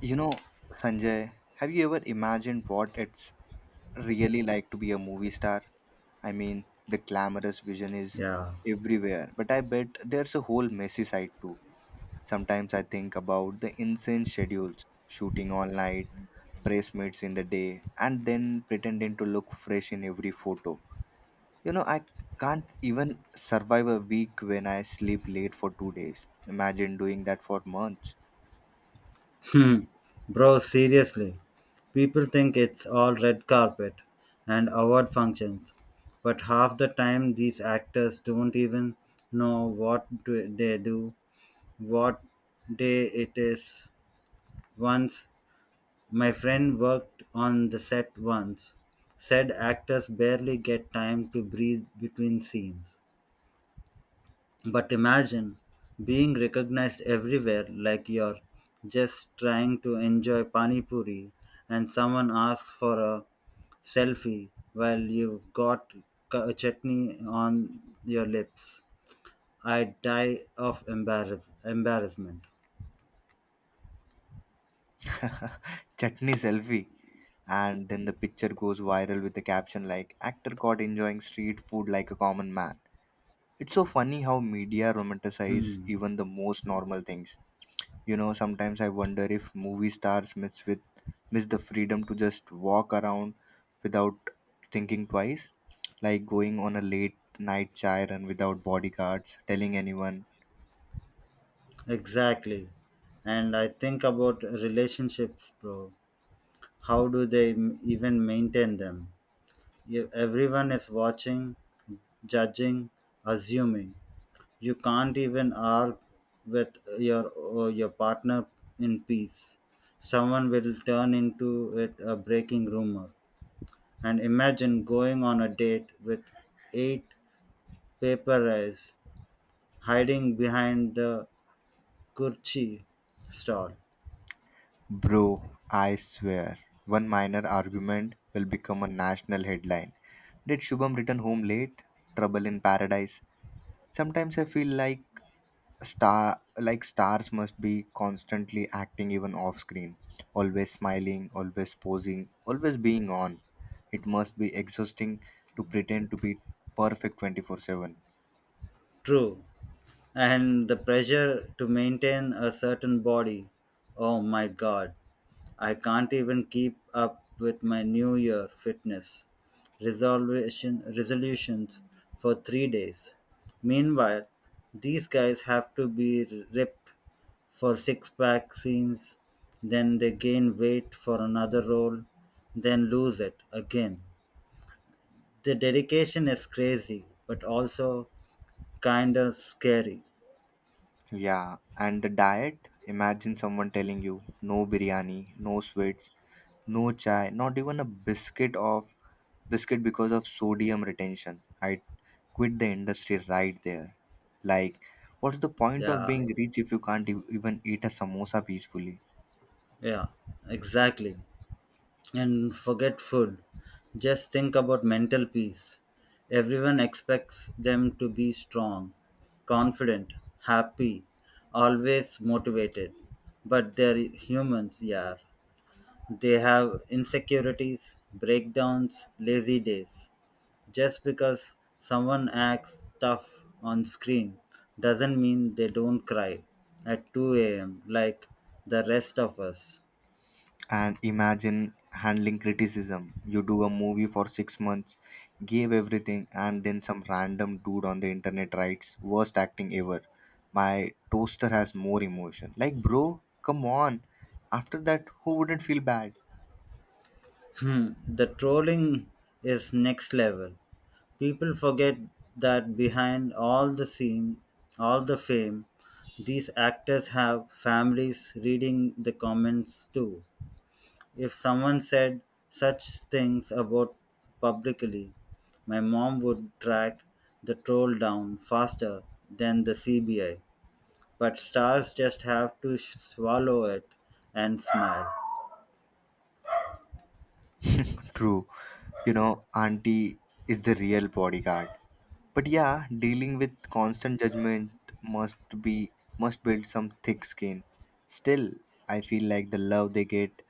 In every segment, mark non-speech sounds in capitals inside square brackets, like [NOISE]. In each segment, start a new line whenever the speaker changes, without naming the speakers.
You know, Sanjay, have you ever imagined what it's really like to be a movie star? I mean, the glamorous vision is
Yeah,
everywhere, but I bet there's a whole messy side too. Sometimes I think about the insane schedules, shooting all night, press meets in the day, and then pretending to look fresh in every photo. I can't even survive a week when I sleep late for 2 days. Imagine doing that for months.
bro, seriously. People think it's all red carpet and award functions, but half the time these actors don't even know what do they do, what day it is. Once my friend worked on the set once, said actors barely get time to breathe between scenes. But imagine being recognized everywhere like you're just trying to enjoy pani puri and someone asks for a selfie while you've got chutney on your lips. I die of embarrassment.
[LAUGHS] Chutney selfie. And then the picture goes viral with the caption like actor caught enjoying street food like a common man. It's so funny how media romanticize
Hmm,
even the most normal things. Sometimes I wonder if movie stars miss the freedom to just walk around without thinking twice, like going on a late night chai run without bodyguards telling anyone.
exactly. And I think about relationships, bro. How do they even maintain them? If everyone is watching, judging, assuming. You can't even argue with your partner in peace. Someone will turn into it a breaking rumor. And imagine going on a date with eight paper eyes hiding behind the kurchi stall.
Bro, I swear, one minor argument will become a national headline. Did Shubham return home late? Trouble in paradise. Sometimes I feel like stars must be constantly acting even off screen, always smiling, always posing, always being on. It must be exhausting to pretend to be perfect 24/7.
True. And the pressure to maintain a certain body. Oh my god. I can't even keep up with my New Year fitness resolutions for 3 days. Meanwhile, these guys have to be ripped for six pack scenes, then they gain weight for another role, then lose it again. The dedication is crazy, but also kind of scary.
Yeah, and the diet, imagine someone telling you no biryani, no sweets, no chai, not even a biscuit because of sodium retention. I quit the industry right there. Like, what's the point of
Yeah,
being rich if you can't even eat a samosa peacefully?
yeah, exactly. And forget food. Just think about mental peace. Everyone expects them to be strong, confident, happy, always motivated. But they're humans, yeah. They have insecurities, breakdowns, lazy days. Just because someone acts tough on screen doesn't mean they don't cry at 2 a.m. like the rest of us.
And imagine handling criticism. You do a movie for 6 months, gave everything, and then some random dude on the internet writes worst acting ever, my toaster has more emotion. Like, bro, come on. After that, who wouldn't feel bad?
Hmm, the trolling is next level. People forget that behind all the scene, all the fame, these actors have families reading the comments too. If someone said such things about publicly, my mom would track the troll down faster than the CBI. But stars just have to swallow it and smile.
True. you know Auntie is the real bodyguard. But yeah, dealing with constant judgment must be must build some thick skin. Still, I feel like the love they get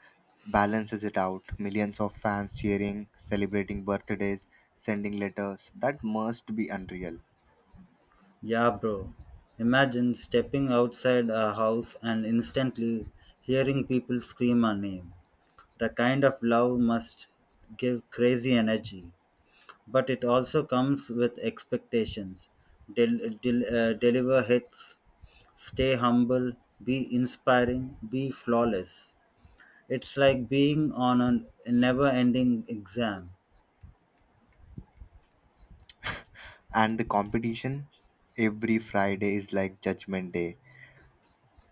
balances it out. Millions of fans cheering, celebrating birthdays, sending letters. That must be unreal.
Yeah, bro. Imagine stepping outside a house and instantly hearing people scream our name. The kind of love must give crazy energy, but it also comes with expectations. Deliver hits, stay humble, be inspiring, be flawless. It's like being on a never ending exam.
And the competition every Friday is like judgment day.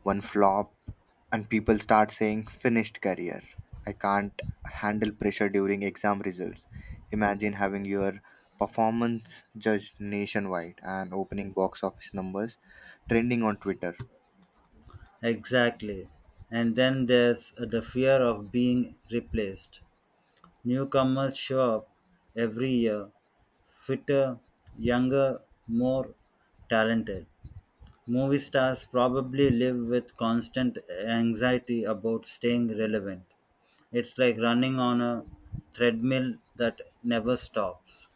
One flop and people start saying finished career. I can't handle pressure during exam results. Imagine having your performance judged nationwide and opening box office numbers trending on Twitter.
Exactly. And then there's the fear of being replaced. Newcomers show up every year, fitter, younger, more talented. Movie stars probably live with constant anxiety about staying relevant. It's like running on a treadmill that never stops.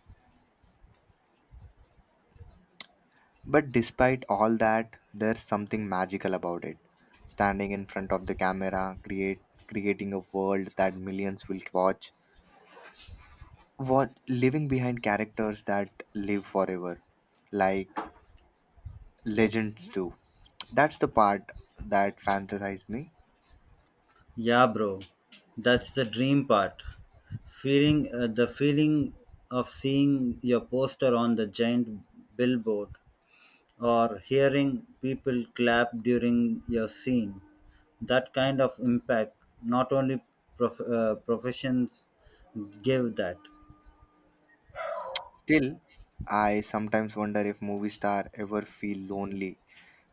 But despite all that, there's something magical about it. Standing in front of the camera, create creating a world that millions will watch. What, living behind characters that live forever, like legends do. That's the part that fantasized me.
Yeah, bro, that's the dream part. Feeling the feeling of seeing your poster on the giant billboard or hearing people clap during your scene. That kind of impact, not only professions give that.
Still, I sometimes wonder if movie star ever feel lonely,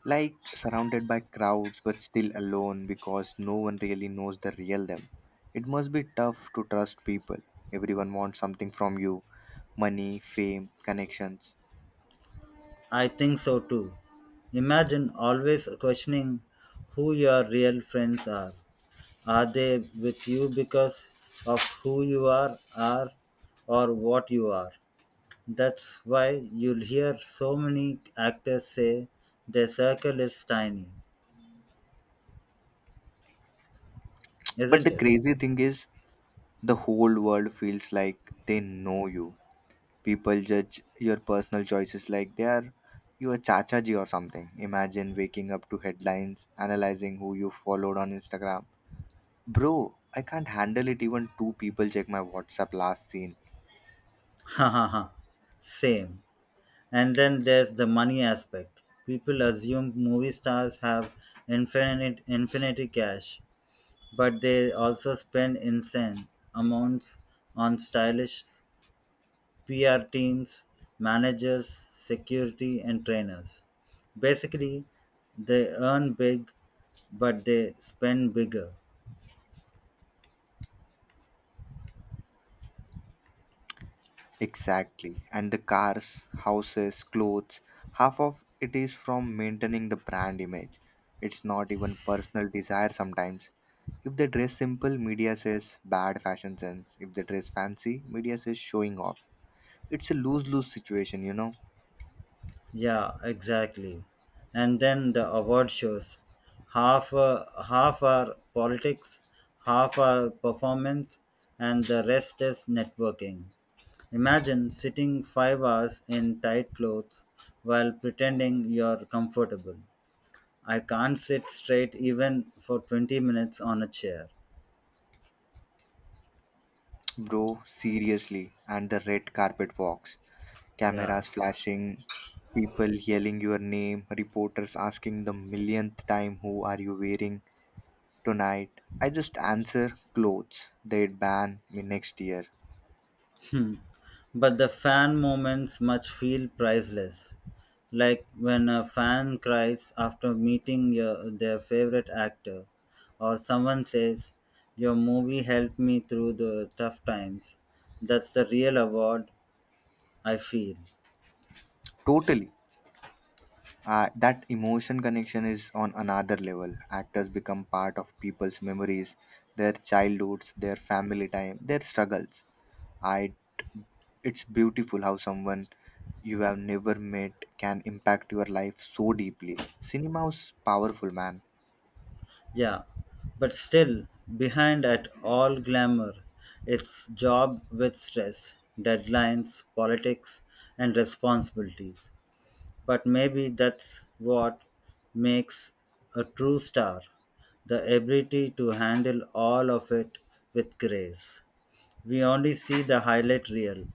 like surrounded by crowds but still alone because no one really knows the real them. It must be tough to trust people. Everyone wants something from you: money, fame, connections.
I think so too. Imagine always questioning who your real friends are. Are they with you because of who you are or what you are? That's why you'll hear so many actors say their circle is tiny,
But the
isn't it?
crazy thing is the whole world feels like they know you. People judge your personal choices like they are you a chachaji or something. Imagine waking up to headlines, analyzing who you followed on Instagram. Bro, I can't handle it even two people check my WhatsApp last scene.
Ha ha ha, same. And then there's the money aspect. People assume movie stars have infinite infinity cash, but they also spend insane amounts on stylish PR teams, managers, security and trainers. Basically, they earn big but they spend bigger.
Exactly. And the cars, houses, clothes, half of it is from maintaining the brand image. It's not even personal desire sometimes. If they dress simple, media says bad fashion sense. If they dress fancy, media says showing off. It's a lose lose situation,
Yeah, exactly. And then the award shows. Half are politics, half are performance, and the rest is networking. Imagine sitting 5 hours in tight clothes while pretending you're comfortable. I can't sit straight even for 20 minutes on a chair.
bro. Seriously, and the red carpet walks,
Yeah.
cameras flashing, people yelling your name, reporters asking the millionth time, "Who are you wearing tonight?" I just answer clothes. They'd ban me next year.
Hmm. But the fan moments much feel priceless. Like when a fan cries after meeting their favorite actor, or someone says, "Your movie helped me through the tough times." That's the real award, I feel.
Totally. That emotion connection is on another level. Actors become part of people's memories, their childhoods, their family time, their struggles. I It's beautiful how someone you have never met can impact your life so deeply. Cinema is powerful, man.
Yeah, but still, behind at all glamour, it's job with stress, deadlines, politics, and responsibilities. But maybe that's what makes a true star the ability to handle all of it with grace. We only see the highlight reel,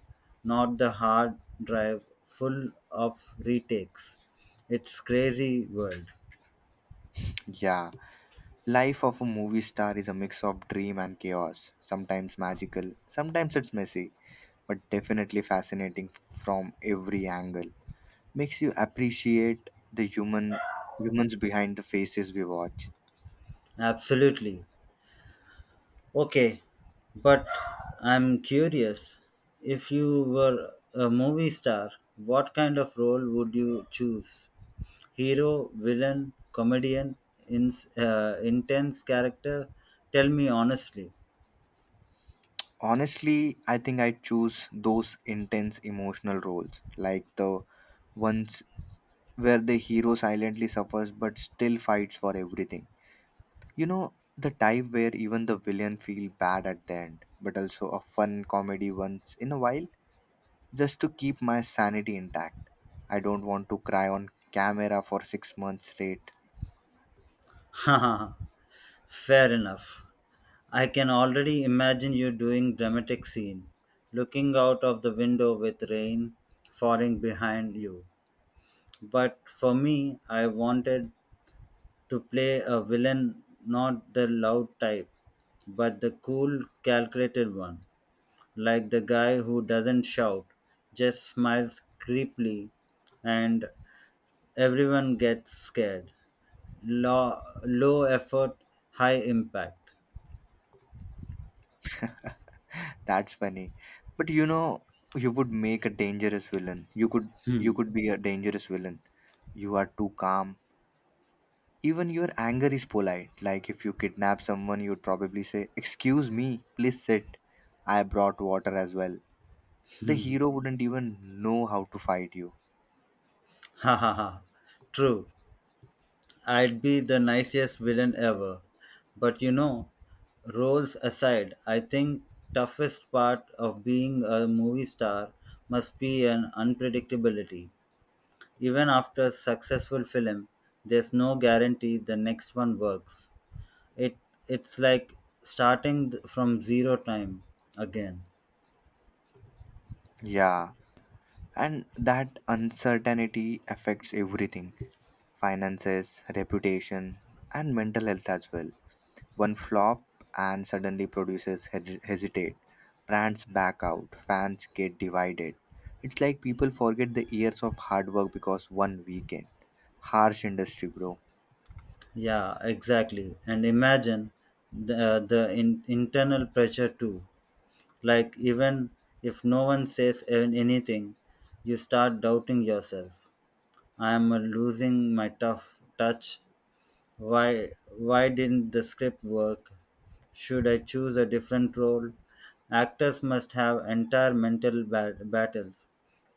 not the hard drive full of retakes. It's crazy world.
Yeah, life of a movie star is a mix of dream and chaos. Sometimes magical, sometimes it's messy, but definitely fascinating from every angle. Makes you appreciate the humans behind the faces we watch.
Absolutely. Okay, but I'm curious, if you were a movie star, what kind of role would you choose? Hero, villain, comedian, ins intense character. Tell me honestly.
Honestly, I think I choose those intense emotional roles, like the ones where the hero silently suffers but still fights for everything. The type where even the villain feel bad at the end, but also a fun comedy once in a while, just to keep my sanity intact. I don't want to cry on camera for 6 months straight.
[LAUGHS] Fair enough. I can already imagine you doing dramatic scene, looking out of the window with rain falling behind you. But for me, I wanted to play a villain, not the loud type, but the cool, calculated one. Like the guy who doesn't shout, just smiles creepily, and everyone gets scared. Low, Low effort, high impact.
[LAUGHS] That's funny. But you know, you would make a dangerous villain. You
Hmm.
could be a dangerous villain. You are too calm. Even your anger is polite. Like if you kidnap someone, you'd probably say, "Excuse me, please sit. I brought water as well." The
Hmm.
hero wouldn't even know how to fight you.
Ha ha ha. True, I'd be the nicest villain ever. But you know, roles aside, I think toughest part of being a movie star must be an unpredictability. Even after successful film, there's no guarantee the next one works. It it's like starting from zero time again.
Yeah, and that uncertainty affects everything: finances, reputation, and mental health as well. One flop and suddenly producers hesitate. Brands back out, fans get divided. It's like people forget the years of hard work because one weekend. Harsh industry, bro.
Yeah, exactly. And imagine internal pressure too. Like even if no one says anything, you start doubting yourself. I am losing my tough touch. Why why didn't the script work? Should I choose a different role? Actors must have entire mental battles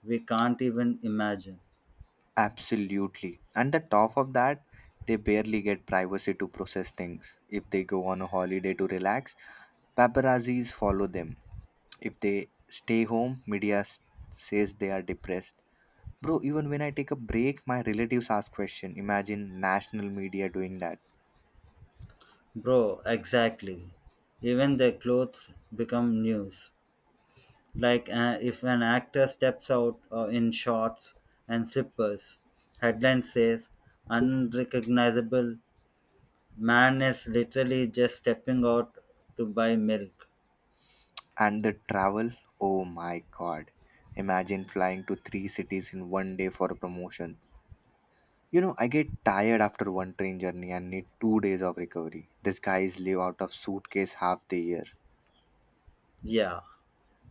we can't even imagine.
Absolutely. And the top of that, they barely get privacy to process things. If they go on a holiday to relax, paparazzis follow them. If they stay home, media says they are depressed. Bro, even when I take a break, my relatives ask question. Imagine national media doing that.
Bro, exactly. Even their clothes become news. Like if an actor steps out in shorts and slippers, headline says unrecognizable man is literally just stepping out to buy milk.
And the travel, oh my god. Imagine flying to three cities in one day for a promotion. I get tired after one train journey and need 2 days of recovery. These guys live out of suitcase half the year.
Yeah,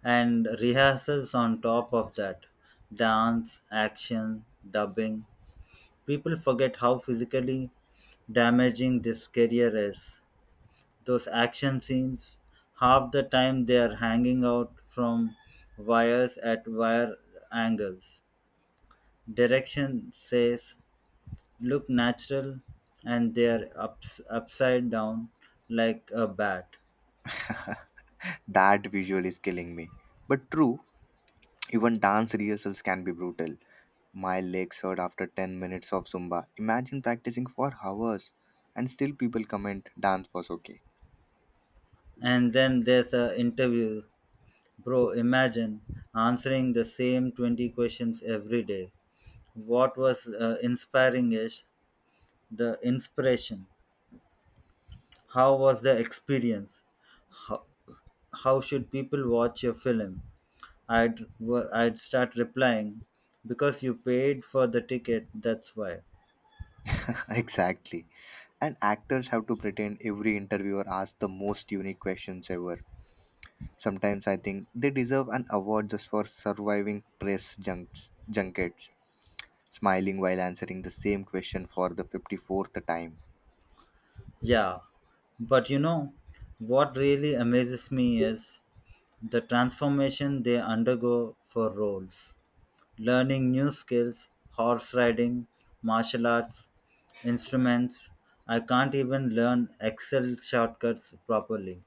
and rehearsals on top of that, dance, action, dubbing. People forget how physically damaging this career is. Those action scenes, half the time they are hanging out from wires at wire angles. Direction says look natural, and they are upside down like a bat.
[LAUGHS] That visual is killing me. But true, even dance rehearsals can be brutal. My legs hurt after 10 minutes of Zumba. Imagine practicing for hours and still people comment dance was okay.
And then there's a interview. Bro, imagine answering the same 20 questions every day. What was inspiring is the inspiration. How was the experience? How, how should people watch your film? I'd start replying because you paid for the ticket, that's why.
[LAUGHS] Exactly. And actors have to pretend every interviewer asks the most unique questions ever. Sometimes I think they deserve an award just for surviving press junkets, smiling while answering the same question for the 54th time.
Yeah, but you know, what really amazes me is the transformation they undergo for roles. Learning new skills, horse riding, martial arts, instruments. I can't even learn Excel shortcuts properly.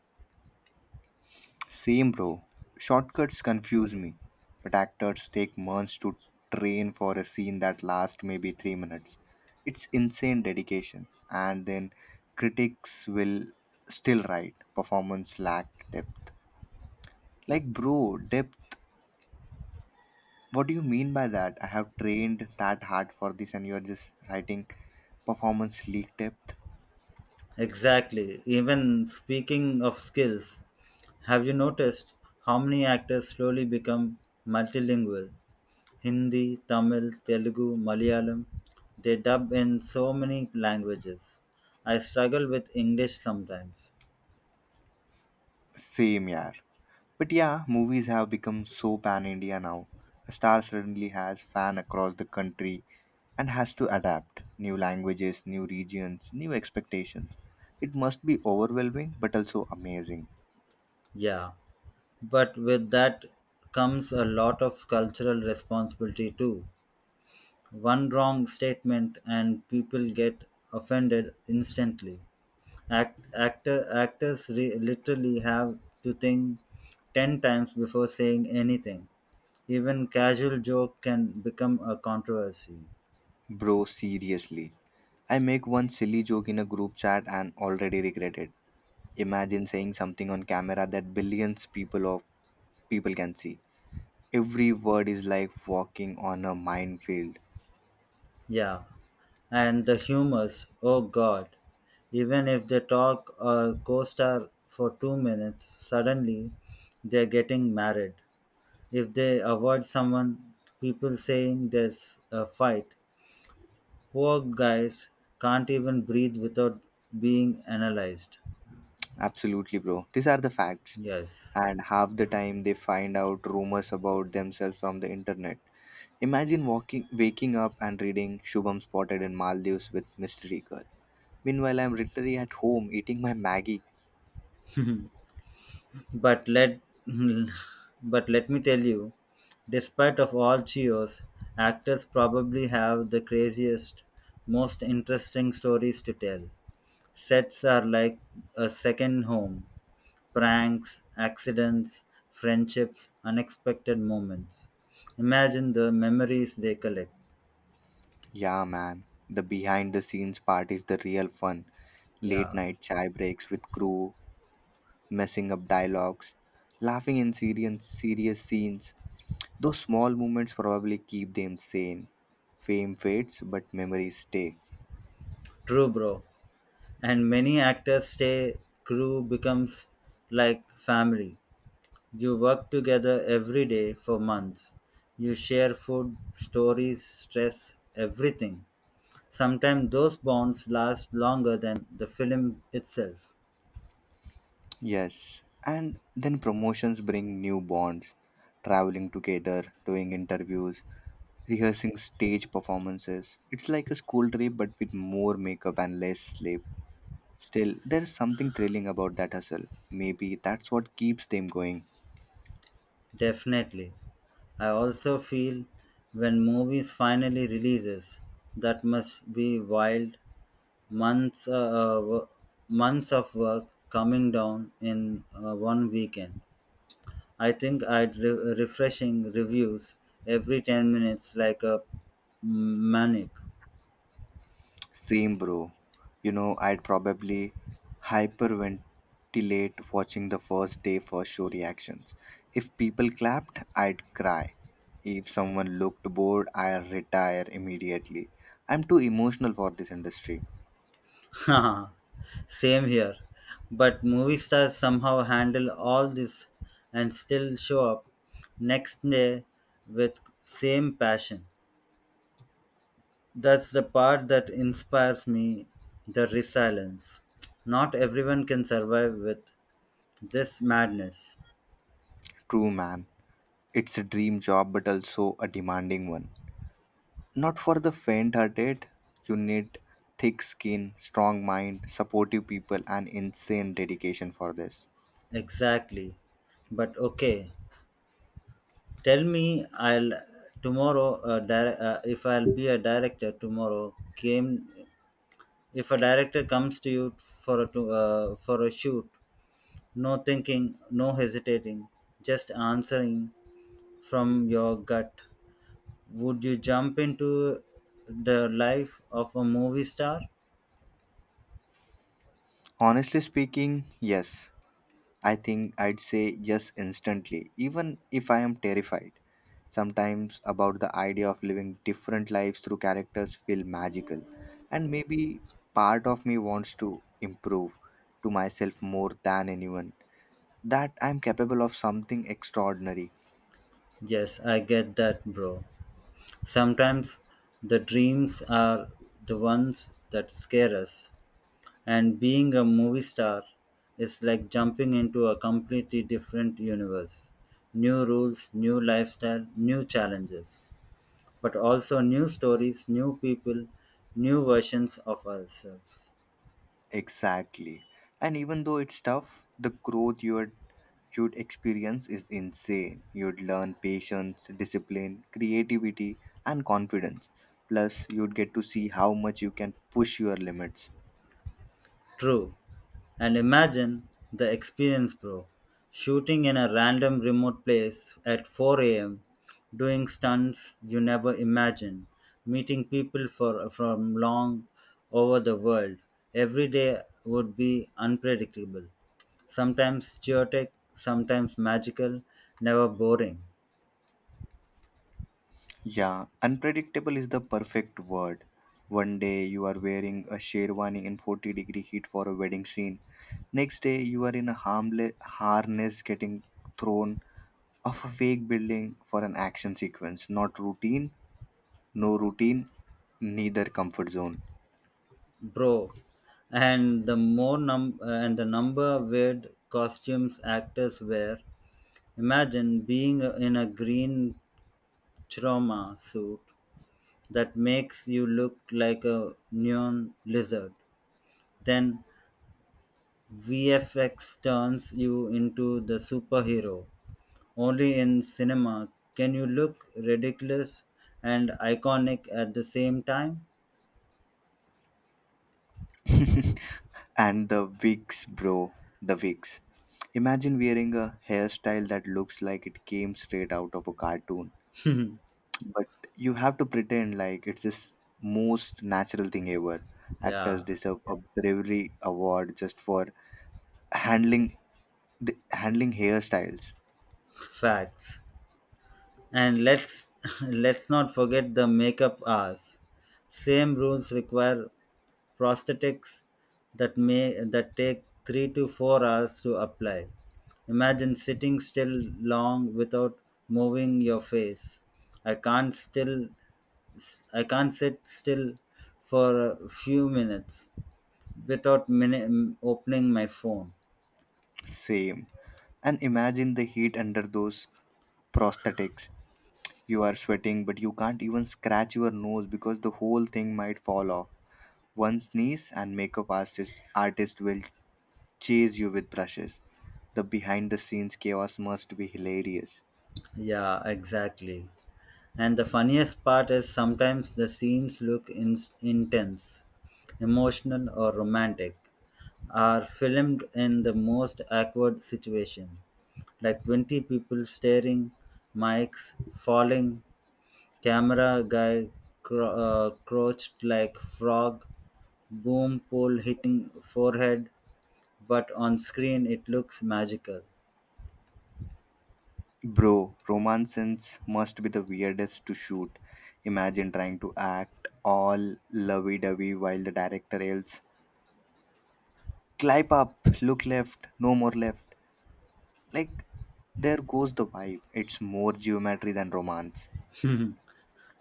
Same, bro. Shortcuts confuse me, but actors take months to train for a scene that lasts maybe 3 minutes. It's insane dedication, and then critics will still write performance lacked depth. Like, bro, depth. What do you mean by that? I have trained that hard for this, and you're just writing performance leak depth.
Exactly. Even speaking of skills, have you noticed how many actors slowly become multilingual? Hindi, Tamil, Telugu, Malayalam. They dub in so many languages. I struggle with English sometimes.
Same, yeah. But yeah, movies have become so pan India now. A star suddenly has fan across the country and has to adapt new languages, new regions, new expectations. It must be overwhelming but also amazing.
Yeah. But with that comes a lot of cultural responsibility too. One wrong statement and people get offended instantly. Actors literally have to think 10 times before saying anything. Even casual joke can become a controversy.
Bro, seriously. I make one silly joke in a group chat and already regret it. Imagine saying something on camera that billions people of people can see. Every word is like walking on a minefield.
Yeah. And the humors, oh god. Even if they talk or co star for 2 minutes, suddenly they're getting married. If they avoid someone, people saying there's a fight. Poor guys can't even breathe without being analyzed.
Absolutely, bro. These are the facts.
Yes.
And half the time they find out rumors about themselves from the internet. Imagine waking up and reading Shubham spotted in Maldives with mystery girl. Meanwhile, I'm literally at home eating my Maggie.
But let [LAUGHS] but let me tell you, despite of all cheers, actors probably have the craziest, most interesting stories to tell. Sets are like a second home. Pranks, accidents, friendships, unexpected moments. Imagine the memories they collect.
Yeah, man. The behind the scenes part is the real fun. Late
Yeah,
night chai breaks with crew, messing up dialogues, laughing in serious scenes. Those small moments probably keep them sane. Fame fades, but memories stay.
true, bro. And many actors stay, crew becomes like family. You work together every day for months. You share food, stories, stress, everything. Sometimes those bonds last longer than the film itself.
Yes, and then promotions bring new bonds, traveling together, doing interviews, rehearsing stage performances. It's like a school trip but with more makeup and less sleep. Still, there's something thrilling about that hustle. Maybe that's what keeps them going.
Definitely. I also feel when movies finally releases, that must be wild, months uh, uh, wo- months of work coming down in one weekend. I think I'd refreshing reviews every 10 minutes like a maniac.
Same, bro. I'd probably hyperventilate watching the first day first show reactions. If people clapped, I'd cry. If someone looked bored, I'd retire immediately. I'm too emotional for this industry.
[LAUGHS] Same here. But movie stars somehow handle all this and still show up next day with same passion. That's the part that inspires me, the resilience. Not everyone can survive with this madness.
True, man. It's a dream job, but also a demanding one. Not for the faint hearted. You need thick skin, strong mind, supportive people, and insane dedication for this.
Exactly. But okay, tell me, if I'll be a director tomorrow came. If a director comes to you for a shoot, no thinking, no hesitating, just answering from your gut. Would you jump into the life of a movie star?
Honestly speaking, yes. I think I'd say yes instantly, even if I am terrified. Sometimes about the idea of living different lives through characters feel magical, and maybe part of me wants to improve to myself more than anyone that I'm capable of something extraordinary.
Yes, I get that, bro. Sometimes the dreams are the ones that scare us. And being a movie star is like jumping into a completely different universe. New rules, new lifestyle, new challenges. But also new stories, new people, new versions of ourselves.
Exactly. And even though it's tough, the growth you'd experience is insane. You'd learn patience, discipline, creativity, and confidence. Plus, you'd get to see how much you can push your limits.
True. And imagine the experience, bro. Shooting in a random remote place at 4 a.m., doing stunts you never imagined, meeting people from long over the world. Every day would be unpredictable, sometimes chaotic, sometimes magical, never boring.
Yeah, unpredictable is the perfect word. One day you are wearing a sherwani in 40-degree heat for a wedding scene. Next day you are in a harmless harness getting thrown off a fake building for an action sequence. Not routine, no routine, neither comfort zone.
Bro, and the number of weird costumes actors wear. Imagine being in a green trauma suit that makes you look like a neon lizard. Then VFX turns you into the superhero. Only in cinema can you look ridiculous and iconic at the same time.
[LAUGHS] And the wigs, bro. The wigs. Imagine wearing a hairstyle that looks like it came straight out of a cartoon. But you have to pretend like it's this most natural thing ever. Actors
Yeah.
deserve a bravery award just for handling handling hairstyles.
[LAUGHS] Facts. And let's [LAUGHS] let's not forget the makeup hours. Same rules require prosthetics that take 3 to 4 hours to apply. Imagine sitting still long without moving your face. I can't still I can't sit still for a few minutes without opening my phone.
Same. And imagine the heat under those prosthetics. You are sweating, but you can't even scratch your nose because the whole thing might fall off. One sneeze, and makeup artist will chase you with brushes. The behind the scenes chaos must be hilarious.
Yeah, exactly. And the funniest part is sometimes the scenes look intense, emotional, or romantic, are filmed in the most awkward situation, like 20 people staring, mics falling, camera guy crouched like frog, boom pole hitting forehead, but on screen it looks magical.
Bro, romance scenes must be the weirdest to shoot. Imagine trying to act all lovey dovey while the director yells, "Climb up, look left, no more left." Like, there goes the vibe. It's more geometry than romance.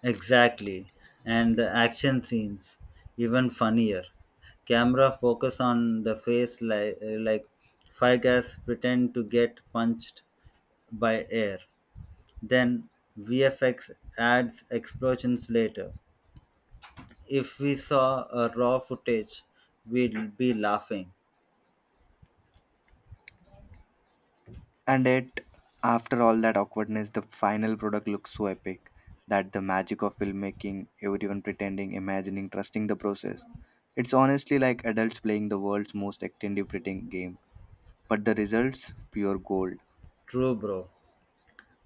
Exactly. And the action scenes, even funnier. Camera focus on the face like Figas pretend to get punched by air. Then VFX adds explosions later. If we saw a raw footage, we'd be laughing.
And yet, after all that awkwardness, the final product looks so epic that the magic of filmmaking, everyone pretending, imagining, trusting the process. It's honestly like adults playing the world's most attentive pretending game. But the results, pure gold.
True, bro.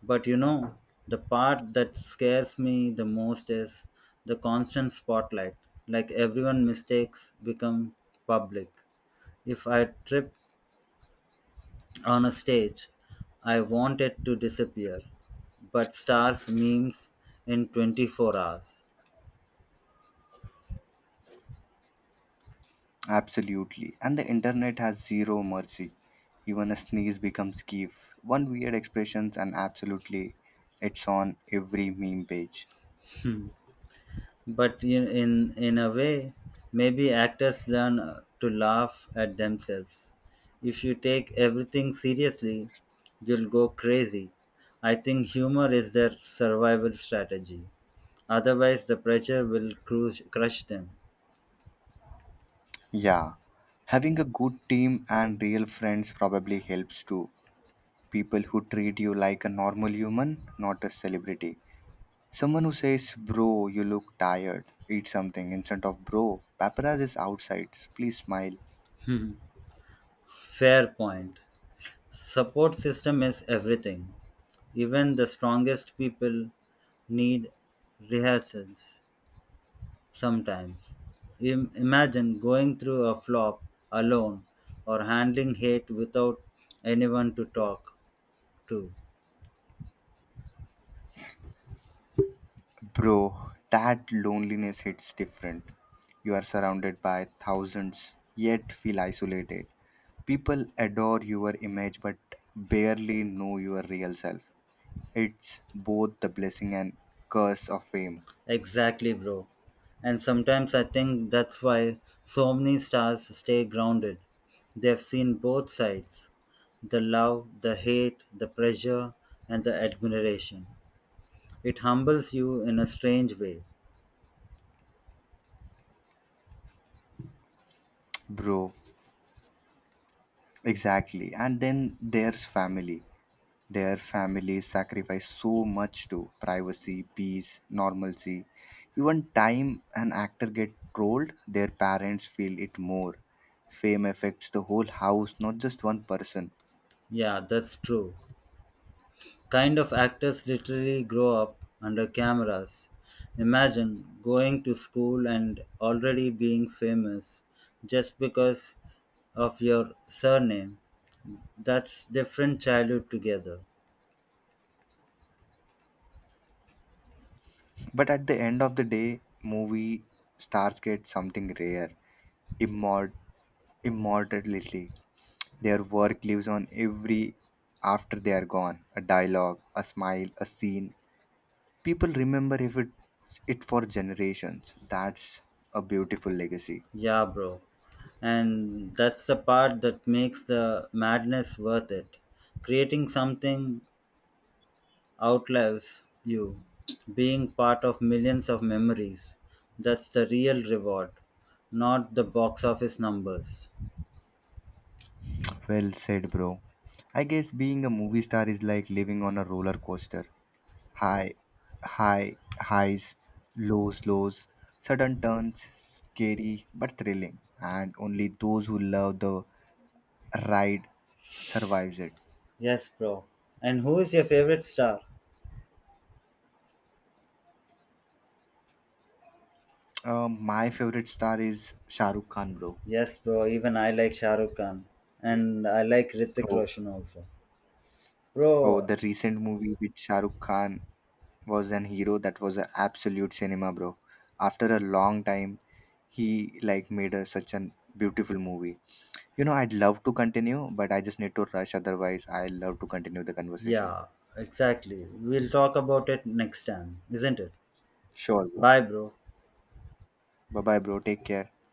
But you know, the part that scares me the most is the constant spotlight. Like everyone mistakes become public. If I tripped on a stage, I wanted to disappear. But stars memes in 24 hours.
Absolutely. And the internet has zero mercy. Even a sneeze becomes gif. One weird expressions and absolutely it's on every meme page.
But in a way, maybe actors learn to laugh at themselves. If you take everything seriously, you'll go crazy. I think humor is their survival strategy. Otherwise, the pressure will crush them.
Yeah. Having a good team and real friends probably helps too. People who treat you like a normal human, not a celebrity. Someone who says, "Bro, you look tired, eat something," instead of, "Bro, paparazzi is outside, please smile."
[LAUGHS] Fair point. Support system is everything. Even the strongest people need rehearsals sometimes. Imagine going through a flop alone or handling hate without anyone to talk to.
Bro, that loneliness hits different. You are surrounded by thousands, yet feel isolated. People adore your image but barely know your real self. It's both the blessing and curse of fame,
Exactly, bro. And sometimes I think that's why so many stars stay grounded. They've seen both sides, the love, the hate, the pressure, and the admiration. It humbles you in a strange way.
bro. Exactly. And then there's family. Their families sacrifice so much to privacy, peace, normalcy. Even time an actor get trolled, their parents feel it more. Fame affects the whole house, not just one person.
Yeah, that's true. Kind of actors literally grow up under cameras. Imagine going to school and already being famous just because of your surname. That's different childhood together.
But at the end of the day, movie stars get something rare, immort- immortality. Their work lives on every after they are gone. A dialogue, a smile, a scene, people remember if it it for generations. That's a beautiful legacy.
Yeah, bro. And that's the part that makes the madness worth it. Creating something outlives you, being part of millions of memories. That's the real reward, not the box office numbers.
Well said, bro. I guess being a movie star is like living on a roller coaster. high high Highs, lows, sudden turns, scary but thrilling, and only those who love the ride survives it.
Yes, bro. And who is your favorite star?
My favorite star is Shah Rukh Khan, bro.
Yes, bro. Even I like Shah Rukh Khan. And I like Ritik
oh
Roshan also.
oh
Bro,
the recent movie with Shah Rukh Khan was an hero, that was an absolute cinema, bro. After a long time, he like made a, such an beautiful movie. I'd love to continue, but I just need to rush. Otherwise, I love to continue the conversation.
yeah, exactly. We'll talk about it next time, isn't it?
Sure, bro.
Bye, bro.
Bye bye, bro. Take care.